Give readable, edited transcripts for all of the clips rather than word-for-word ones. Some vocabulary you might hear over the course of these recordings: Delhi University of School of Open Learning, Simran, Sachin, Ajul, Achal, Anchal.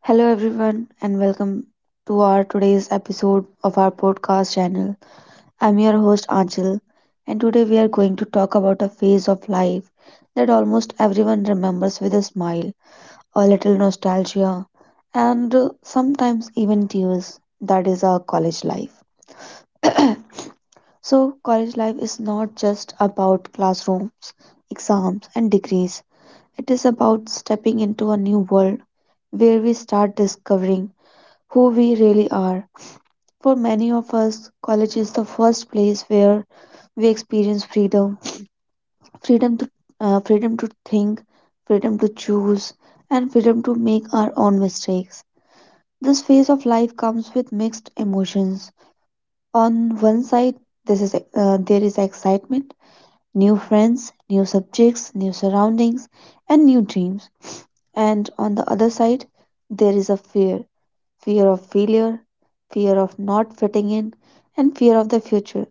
Hello, everyone, and welcome to our today's episode of our podcast channel. I'm your host, Anchal, and today we are going to talk about a phase of life that almost everyone remembers with a smile, a little nostalgia, and sometimes even tears. That is our college life. So, college life is not just about classrooms, exams, and degrees. It is about stepping into a new world where we start discovering who we really are. For many of us, college is the first place where we experience freedom, freedom to freedom to think, freedom to choose, and freedom to make our own mistakes. This phase of life comes with mixed emotions. On one side, this is there is excitement, new friends, new subjects, new surroundings, and new dreams. And on the other side, there is a fear, fear of failure, fear of not fitting in, and fear of the future.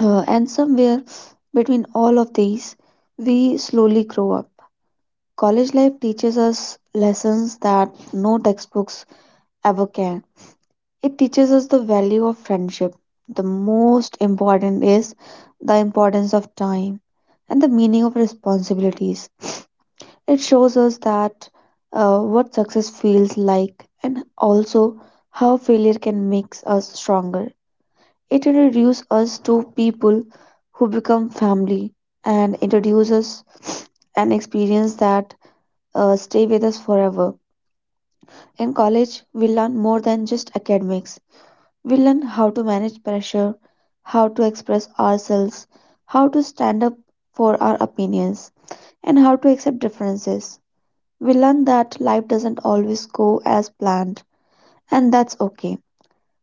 And somewhere between all of these, we slowly grow up. College life teaches us lessons that no textbooks ever can. It teaches us the value of friendship. The most important is the importance of time and the meaning of responsibilities. It shows us that what success feels like, and also how failure can make us stronger. It introduces us to people who become family, and introduces an experience that stay with us forever. In college, we learn more than just academics. We learn how to manage pressure, how to express ourselves, how to stand up for our opinions, and how to accept differences. We learn that life doesn't always go as planned, and that's okay.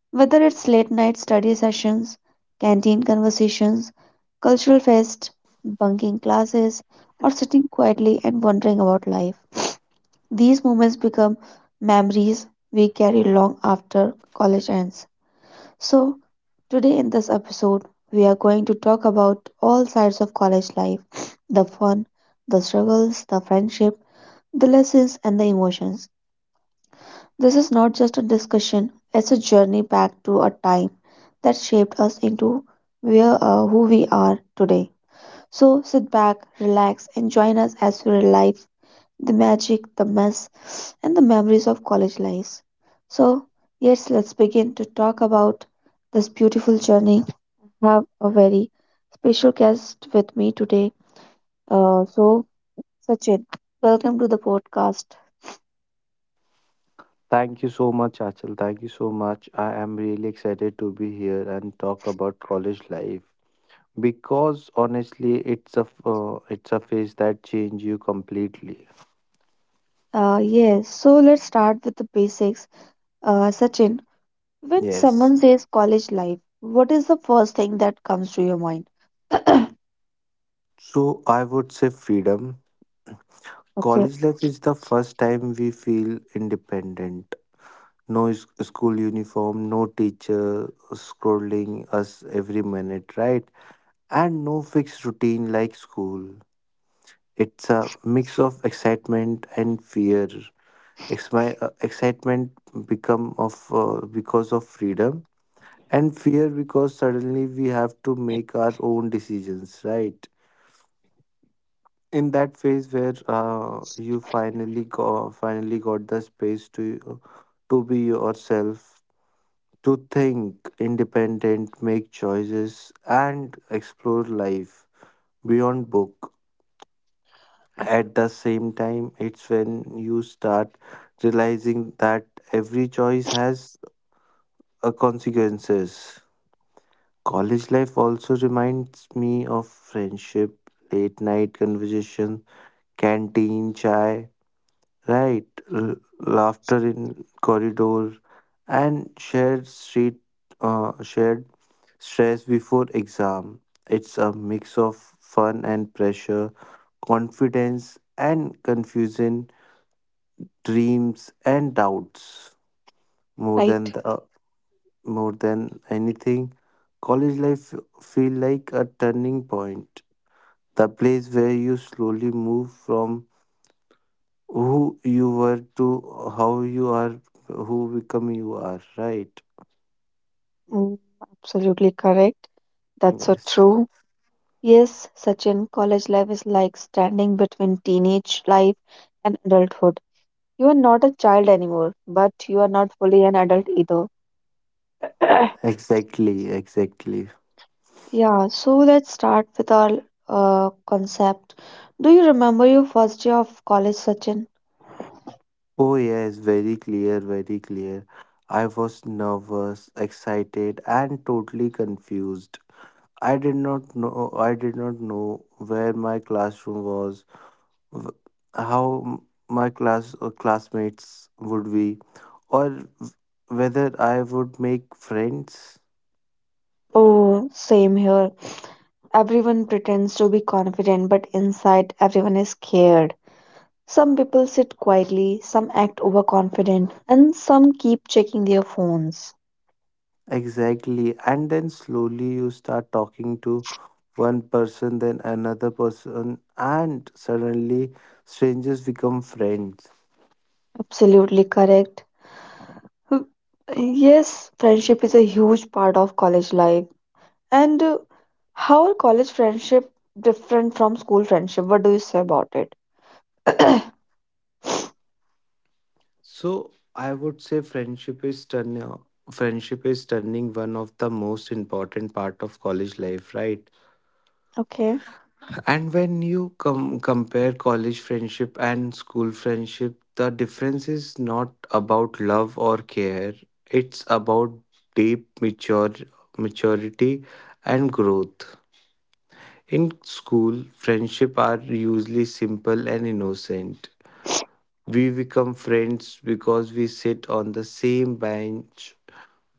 Whether it's late night study sessions, canteen conversations, cultural fest, bunking classes, or sitting quietly and wondering about life, these moments become memories we carry long after college ends. So, today in this episode, we are going to talk about all sides of college life, the fun, the struggles, the friendship, the lessons, and the emotions. This is not just a discussion, it's a journey back to a time that shaped us into who we are today. So, sit back, relax, and join us as we relive the magic, the mess, and the memories of college lives. So, yes, let's begin to talk about this beautiful journey. Have a very special guest with me today. Uh, so, Sachin, welcome to the podcast. Thank you so much, Achal. Thank you so much. I am really excited to be here and talk about college life because honestly, it's a phase that change you completely. Yes, so let's start with the basics. Sachin, when Yes. someone says college life, what is the first thing that comes to your mind? So I would say freedom. Okay. College life is the first time we feel independent. No is- School uniform, no teacher scrolling us every minute, right? And no fixed routine like school. It's a mix of excitement and fear. Ex- my excitement become of because of freedom, and fear because suddenly we have to make our own decisions, right? In that phase where finally got the space to be yourself, to think independent, make choices, and explore life beyond book. At the same time, it's when you start realizing that every choice has consequences. College life also reminds me of friendship, late night conversation, canteen chai, right? Laughter in corridor, and shared stress before exam. It's a mix of fun and pressure, confidence and confusion, dreams and doubts. More Right. than the More than anything, college life feel like a turning point, the place where you slowly move from who you were to how you are, who become you are, right? Mm, absolutely correct. That's so Yes. true. Yes, Sachin, college life is like standing between teenage life and adulthood. You are not a child anymore, but you are not fully an adult either. Exactly, exactly. Yeah, so let's start with our concept. Do you remember your first year of college, Sachin? Oh, yes, very clear, very clear. I was nervous, excited, and totally confused. I did not know where my classroom was, w- how m- my class or classmates would be, or w- whether I would make friends. Oh, same here. Everyone pretends to be confident, but inside everyone is scared. Some people sit quietly, some act overconfident, and some keep checking their phones. Exactly, and then slowly you start talking to one person, then another person, and suddenly strangers become friends. Absolutely correct. Hmm. Yes, friendship is a huge part of college life. And how are college friendship different from school friendship? What do you say about it? So I would say friendship is turning one of the most important part of college life, right? Okay. And when you compare college friendship and school friendship, the difference is not about love or care. It's about deep mature- maturity and growth. In school, friendship are usually simple and innocent. We become friends because we sit on the same bench,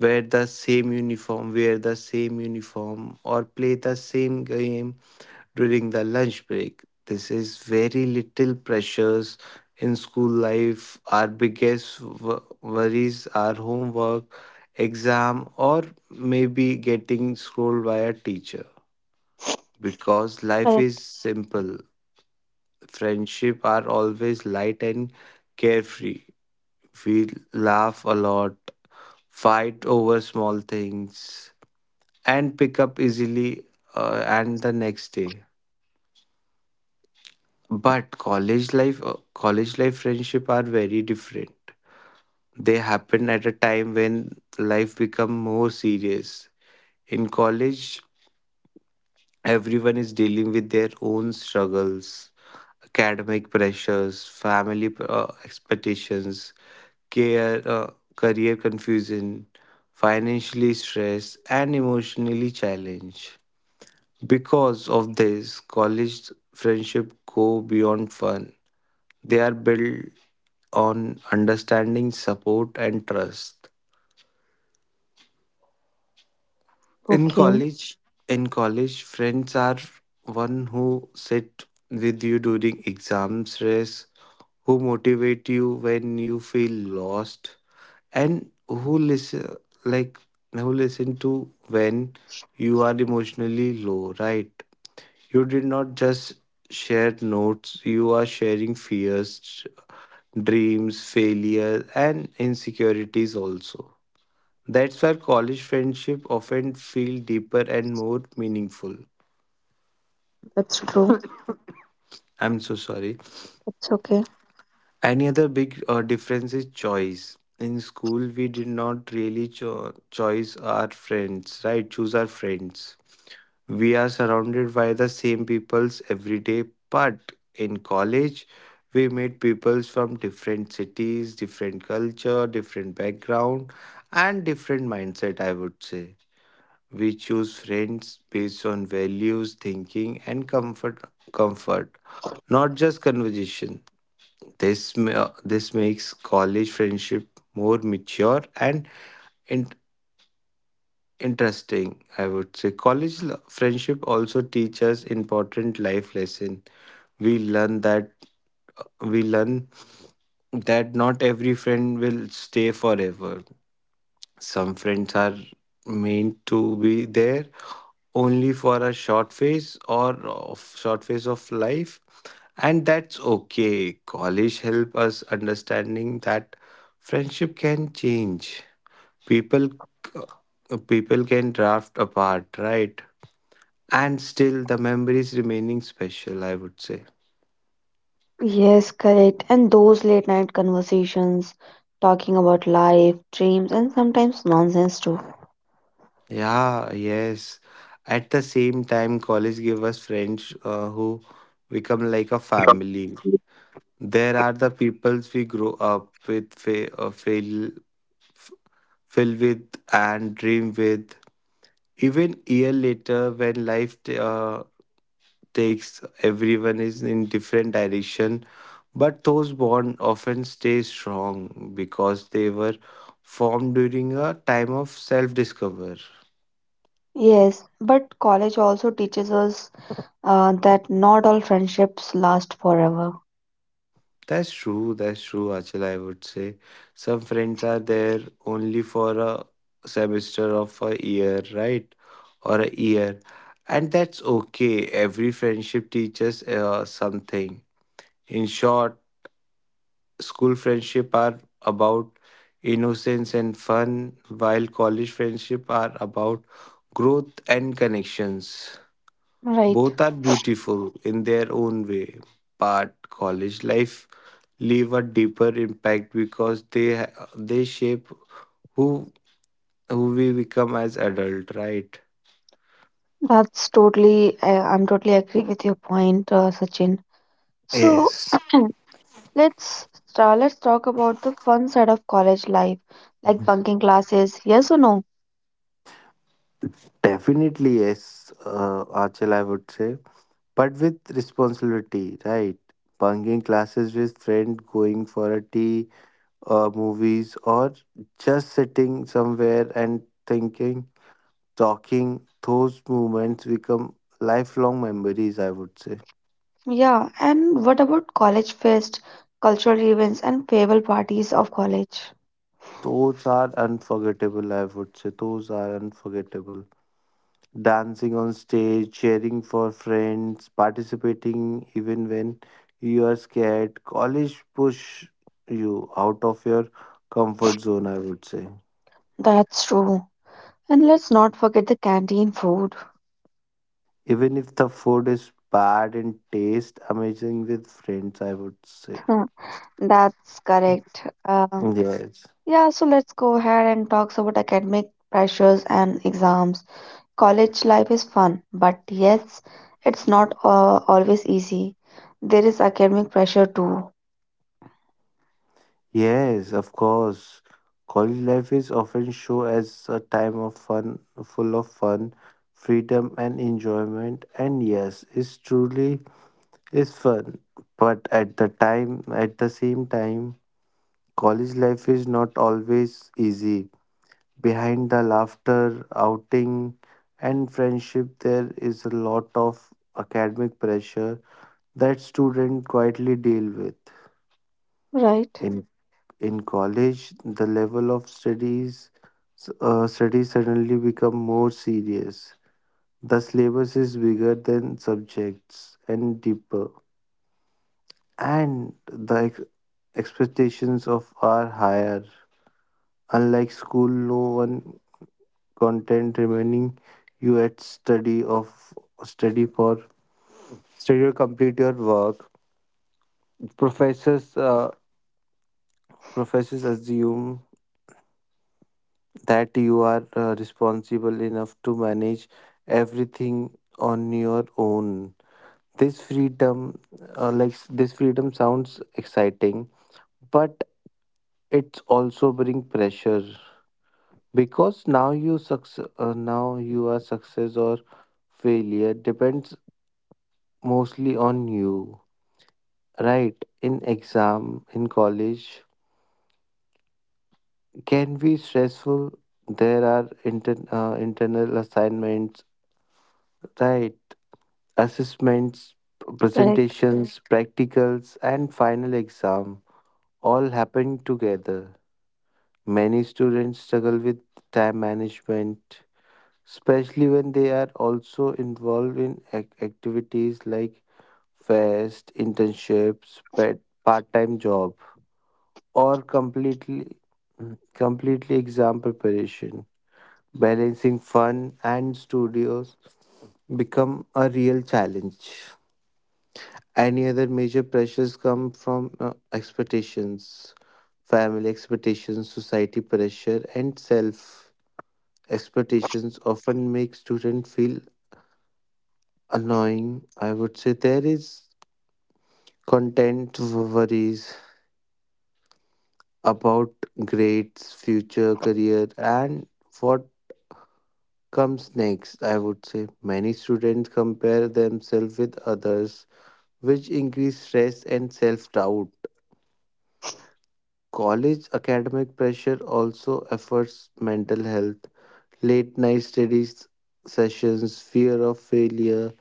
wear the same uniform, or play the same game during the lunch break. This is very little pressures in school life. Our biggest worries are homework, exam, or maybe getting scolded by a teacher. Because life Correct. is simple, friendship are always light and carefree. We laugh a lot, fight over small things, and pick up easily and the next day. But college life friendship are very different. They happen at a time when life become more serious. In college, everyone is dealing with their own struggles, academic pressures, family expectations, career confusion, financially stressed, and emotionally challenged. Because of this, college friendship go beyond fun. They are built on understanding, support, and trust. in Okay, college in college, friends are one who sit with you during exam stress, who motivate you when you feel lost, and who listen like, who listen to when you are emotionally low, right? You did not just share notes, you are sharing fears, dreams, failure, and insecurities also. That's why college friendship often feel deeper and more meaningful. that's true. I'm so sorry. That's okay. Any other big difference is choice. In school, we did not really choose our friends, right? Choose our friends. We are surrounded by the same peoples every day, but in college, we meet peoples from different cities, different culture, different background, and different mindset. I would say we choose friends based on values, thinking, and comfort. Comfort, not just conversation. This makes college friendship more mature and in- interesting. I would say friendship also teaches important life lesson. We learn that we learn that not every friend will stay forever. Some friends are meant to be there only for a short phase, or of short phase of life, and that's okay. College help us understanding that friendship can change, people people can draft apart, right? And still the memories remaining special, I would say. Yes, correct. And those late night conversations, talking about life, dreams, and sometimes nonsense too. Yeah, yes. At the same time, college give us friends who become like a family. There are the peoples we grow up with, fail, fill with, and dream with. Even year later, when life takes everyone is in different direction, but those bonds often stay strong because they were formed during a time of self discover. Yes, but college also teaches us that not all friendships last forever. That's true, that's true, Achal, I would say. Some friends are there only for a semester of a year, right? Or a year, and that's okay. Every friendship teaches something. In short, school friendship are about innocence and fun, while college friendship are about growth and connections. Right. Both are beautiful in their own way, but college life leave a deeper impact because they shape who who we become as adult, right? I'm totally agree with your point, Sachin. So, Yes. let's let's talk about the fun side of college life, like bunking classes. Yes or no? Definitely yes, Achal, I would say, but with responsibility, right? Bunking classes with friends, going for a tea or movies, or just sitting somewhere and thinking, talking, those moments become lifelong memories, I would say. Yeah, and what about college fest, cultural events, and farewell parties of college? Those are unforgettable, I would say. Those are unforgettable. Dancing on stage, cheering for friends, participating even when you are scared. College push you out of your comfort zone, I would say. That's true. And let's not forget the canteen food. Even if the food is bad in taste, amazing with friends, I would say. Huh. That's correct. Yes. Yeah, so let's go ahead and talk about academic pressures and exams. College life is fun, but yes, it's not always easy. There is academic pressure too, Yes, of course. College life is often shown as a time of fun, full of fun, freedom, and enjoyment. And yes, it's truly is fun, but at the same time, college life is not always easy. Behind the laughter, outing, and friendship, there is a lot of academic pressure that students quietly deal with. right? In in college, the level of studies suddenly become more serious. The syllabus is bigger than subjects and deeper, and the expectations of are higher. Unlike school, no one content remaining you at study of study for study or complete your work. Professors uh, Professors assume that you are responsible enough to manage everything on your own. This freedom, like this freedom, sounds exciting, but it's also bring pressure because now you are success or failure depends mostly on you, right? In exam in college can be stressful. There are internal assignments, right? Assessments, Correct, presentations, practicals, and final exam all happen together. Many students struggle with time management, especially when they are also involved in activities like fest, internships, pet, part-time job, or completely exam preparation. Balancing fun and studios become a real challenge. Any other major pressures come from expectations, family expectations, society pressure, and self expectations often make students feel annoying. I would say there is content worries about grades, future career, and what comes next. I would say many students compare themselves with others, which increase stress and self doubt. College academic pressure also affects mental health. Late night studies sessions, fear of failure,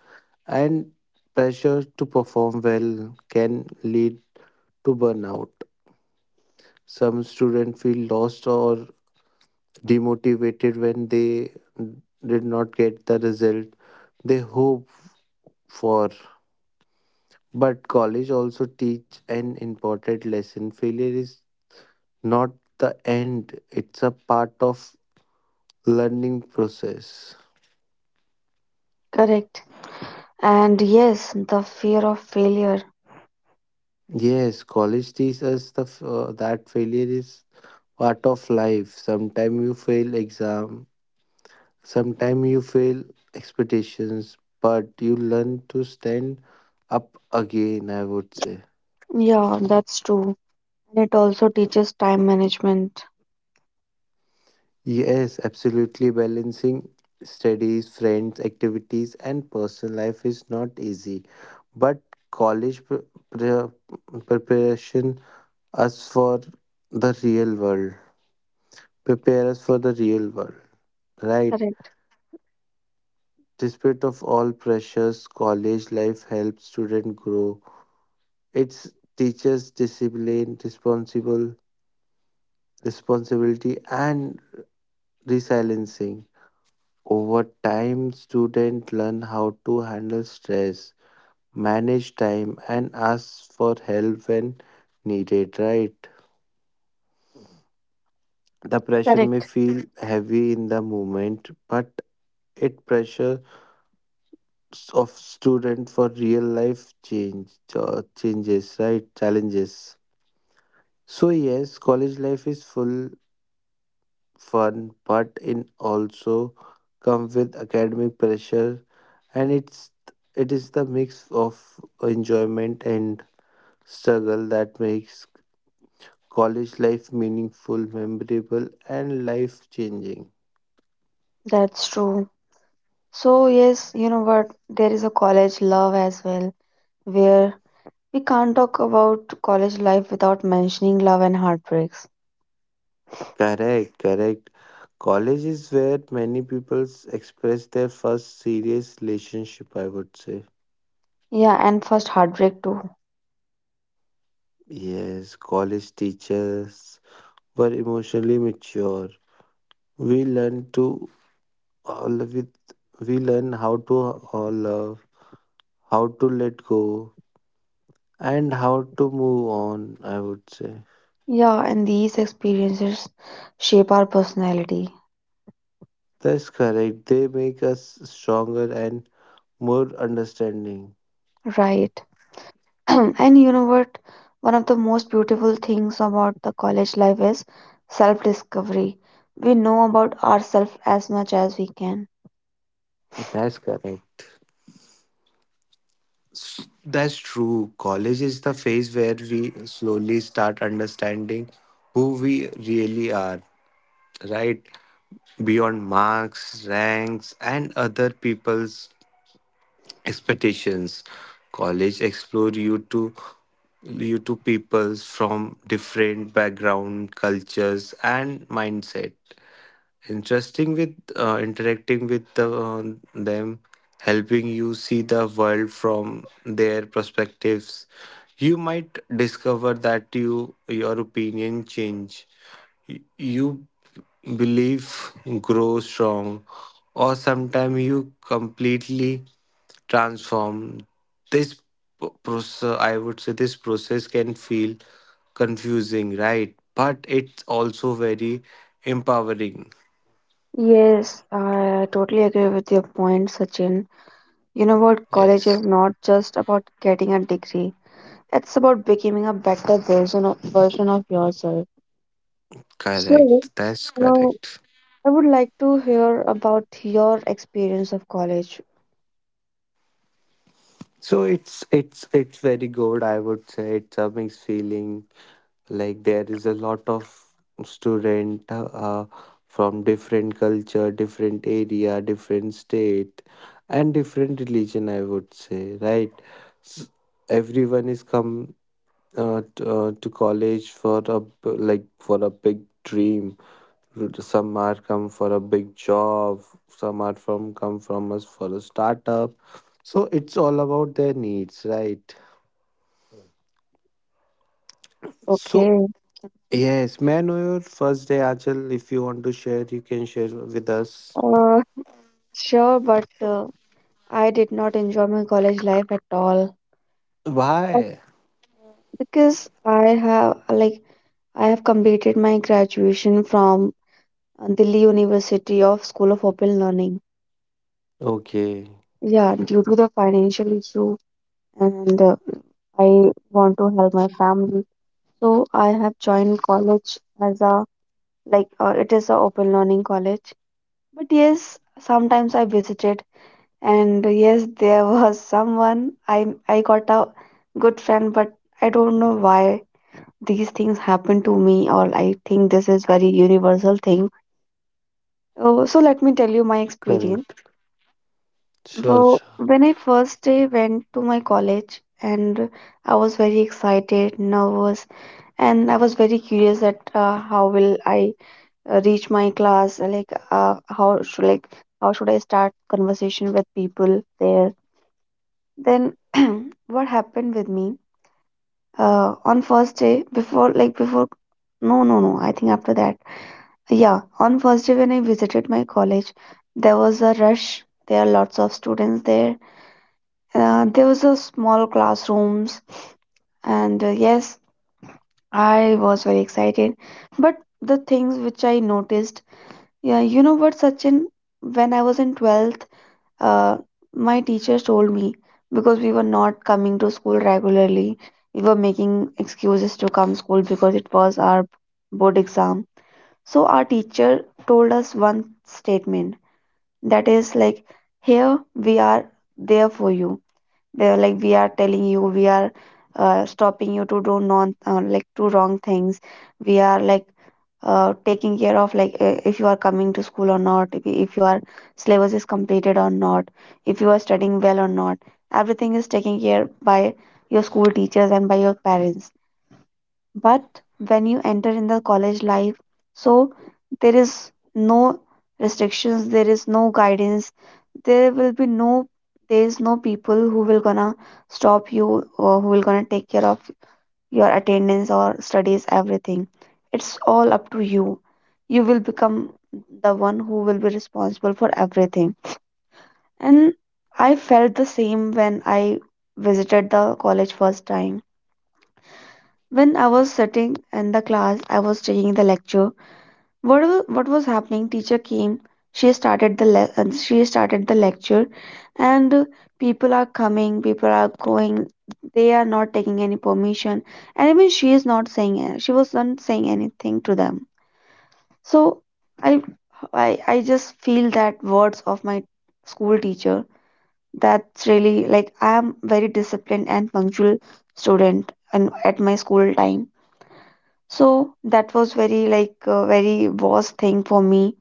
and pressure to perform well can lead to burnout. Some students feel lost or demotivated when they did not get the result they hope for, but college also teach an important lesson, failure is not the end, it's a part of learning process. correct. And yes, the fear of failure. Yes, college teaches us that failure is part of life. Sometimes you fail exam, sometimes you fail expectations, but you learn to stand up again, I would say. Yeah, that's true. And it also teaches time management. Yes, absolutely. Balancing studies, friends, activities, and personal life is not easy. But college preparation us for the real world, prepare us for the real world, right? Correct, Despite of all pressures, college life helps students grow. It teaches discipline, responsible responsibility, and resiliency. Over time, students learn how to handle stress, manage time, and ask for help when needed. Right? The pressure may correct. feel heavy in the moment, but it pressure of student for real life changes, right? Challenges. So yes, college life is full fun, but it also comes with academic pressure, and it is the mix of enjoyment and struggle that makes college life meaningful, memorable, and life changing. That's true. So, yes, you know what? There is a college love as well, where we can't talk about college life without mentioning love and heartbreaks. Correct, correct. College is where many people express their first serious relationship, I would say. Yeah, and first heartbreak too. Yes, college teachers were emotionally mature. We learned to uh, with we learn how to love, how to let go, and how to move on, I would say. Yeah, and these experiences shape our personality, That's correct. They make us stronger and more understanding. right? And you know what? One of the most beautiful things about the college life is self-discovery. We know about ourselves as much as we can. That's correct. That's true. College is the phase where we slowly start understanding who we really are, right? Beyond marks, ranks, and other people's expectations, college explore you to peoples from different background, cultures, and mindset. Interesting with Interacting with them, helping you see the world from their perspectives. You might discover that your opinion change. You believe grow strong, or sometimes you completely transform. this process, I would say, this process can feel confusing, right? But it's also very empowering. Yes, I totally agree with your point, Sachin. You know what? College Yes, is not just about getting a degree. It's about becoming a better version of yourself. So, correct, that's uh, I correct. would like to hear about your experience of college. So it's very good, I would say. It's a mixed feeling. Like there is a lot of student from different culture, different area, different state, and different religion, I would say, right? S- Everyone is come to college for like for a big dream. Some are come for a big job, some are from come from us for a startup. So it's all about their needs, right? So Okay. yes, may I know your first day, Achal? If you want to share, you can share with us. Uh, sure, but I did not enjoy my college life at all. But, Why? uh, because I have like I have completed my graduation from Delhi University of School of Open Learning. Okay, Yeah, due to the financial issue, and I want to help my family. So I have joined college as a it is a open learning college. But yes, sometimes I visited, and yes, there was someone I got a good friend, but I don't know why these things happen to me, or I think this is very universal thing. Oh, so let me tell you my experience. correct. Sure, Well, sure. when I first day went to my college, and I was very excited, nervous, and I was very curious that how will I reach my class, how should how should I start conversation with people there. Then what happened with me on first day, before no, I think after that. Yeah, on first day when I visited my college there was a rush. There are lots of students there. There was a small classrooms, and yes, I was very excited. But the things which I noticed, yeah, you know what, Sachin, when I was in 12th, uh, my teachers told me, because we were not coming to school regularly, we were making excuses to come school because it was our board exam. So our teacher told us one statement, that is like, here we are there for you. They were like, we are telling you, we are stopping you to do non like to wrong things. We are like taking care of like if you are coming to school or not, if, if your syllabus is completed or not, if you are studying well or not. Everything is taken care by your school teachers and by your parents. But when you enter in the college life, so there is no restrictions, there is no guidance, there will be no there is no people who will gonna stop you, or who will gonna take care of your attendance or studies. Everything, it's all up to you. You will become the one who will be responsible for everything. And I felt the same when I visited the college first time. When I was sitting in the class, I was taking the lecture. What was happening? Teacher came. She started she started the lecture, and people are coming, people are going. They are not taking any permission, and even she is not saying. She was not saying anything to them. So I I I just feel that words of my school teacher. That's really like I am very disciplined and punctual student, and at my school time, so that was very like a very worst thing for me,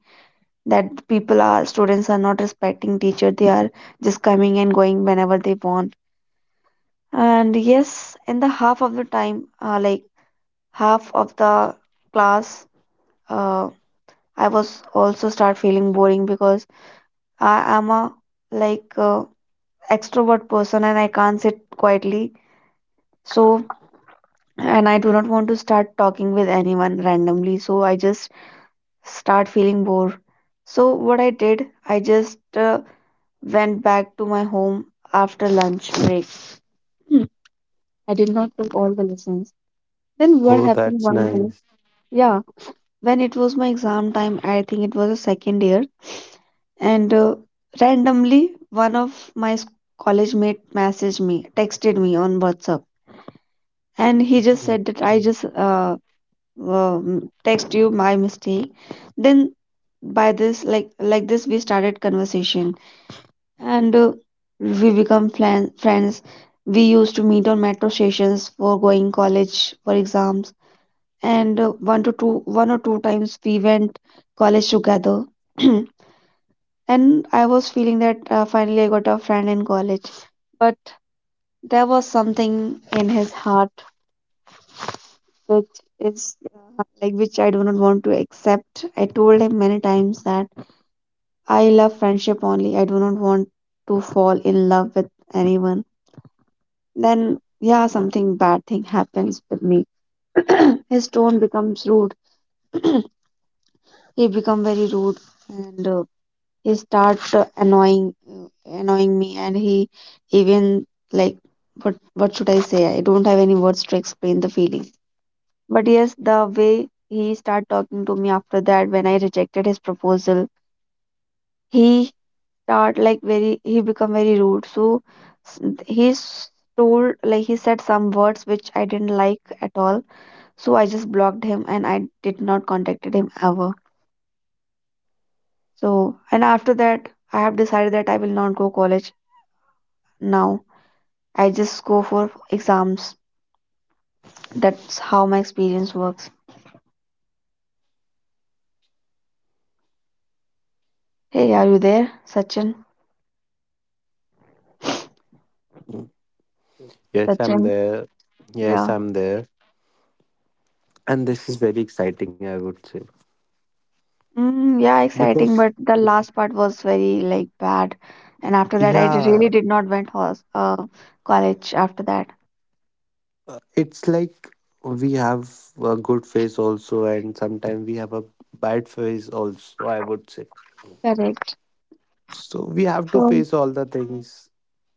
that people are, students are not respecting teacher. They are just coming and going whenever they want. And yes, in the half of the time, half of the class, uh, I was also start feeling boring, because I am a like uh, extrovert person, and I can't sit quietly. So, and I do not want to start talking with anyone randomly. So I just start feeling bored. So, what I did, I just went back to my home after lunch break. Hmm, I did not took all the lessons. Then, what Oh, happened that's one day? nice. Yeah, when it was my exam time, I think it was the second year, and randomly one of my college mate messaged me, texted me on WhatsApp, and he just Mm, said that I mm, just uh, um text you my mistake. Then, by this like this we started conversation, and we become friends. We used to meet on metro stations for going college for exams, and one or two times we went college together. And I was feeling that finally I got a friend in college, but there was something in his heart which is which I do not want to accept. I told him many times that I love friendship only. I do not want to fall in love with anyone. Then yeah, something bad thing happens with me. His tone becomes rude. He become very rude, and he start annoying annoying me, and he even like, what should I say, I don't have any words to explain the feeling. But yes, the way he start talking to me after that when I rejected his proposal, he start like very, he become very rude. So, s- he s- told like, he said some words which I didn't like at all. So I just blocked him, and I did not contacted him ever. So, and after that I have decided that I will not go college now. I just go for exams. That's how my experience works. Hey, are you there, Sachin? mm. Yes, I'm Sachin, there. Yes, yeah. I'm there. And this is very exciting, I would say. Mm, yeah, exciting, Because, but the last part was very like bad. And after that I yeah, really did not went hos college after that. It's like we have a good phase also, and sometimes we have a bad phase also, I would say. Correct. So we have to So. face all the things.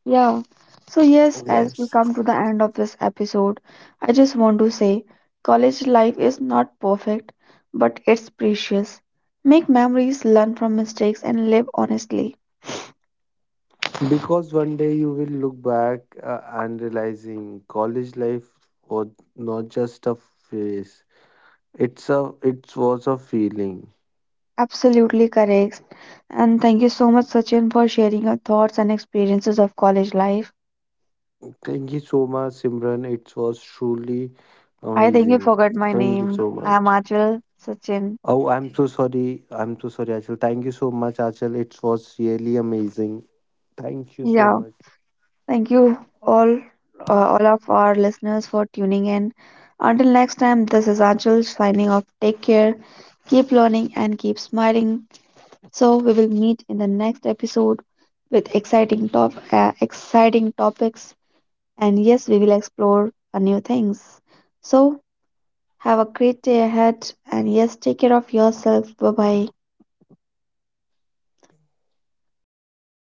Yeah. So, yes, as we Yes. come to the end of this episode, I just want to say college life is not perfect, but it's precious. Make memories, learn from mistakes, and live honestly. Because one day you will look back and realizing college life was not just a phase. It was a feeling. Absolutely correct. And thank you so much, Sachin, for sharing your thoughts and experiences of college life. Thank you so much, Simran. It was truly I think you amazing. forgot my Thank you name. so I'm much. Achal Sachin. Oh, I'm so sorry. I'm so sorry, Achal. Thank you so much, Achal. It was really amazing. Thank you so Yeah. much. Thank you all, uh, all of our listeners for tuning in. Until next time, this is Ajul signing off. Take care, keep learning, and keep smiling. So we will meet in the next episode with exciting topics, and yes, we will explore new things. So have a great day ahead, and yes, take care of yourself. Bye bye.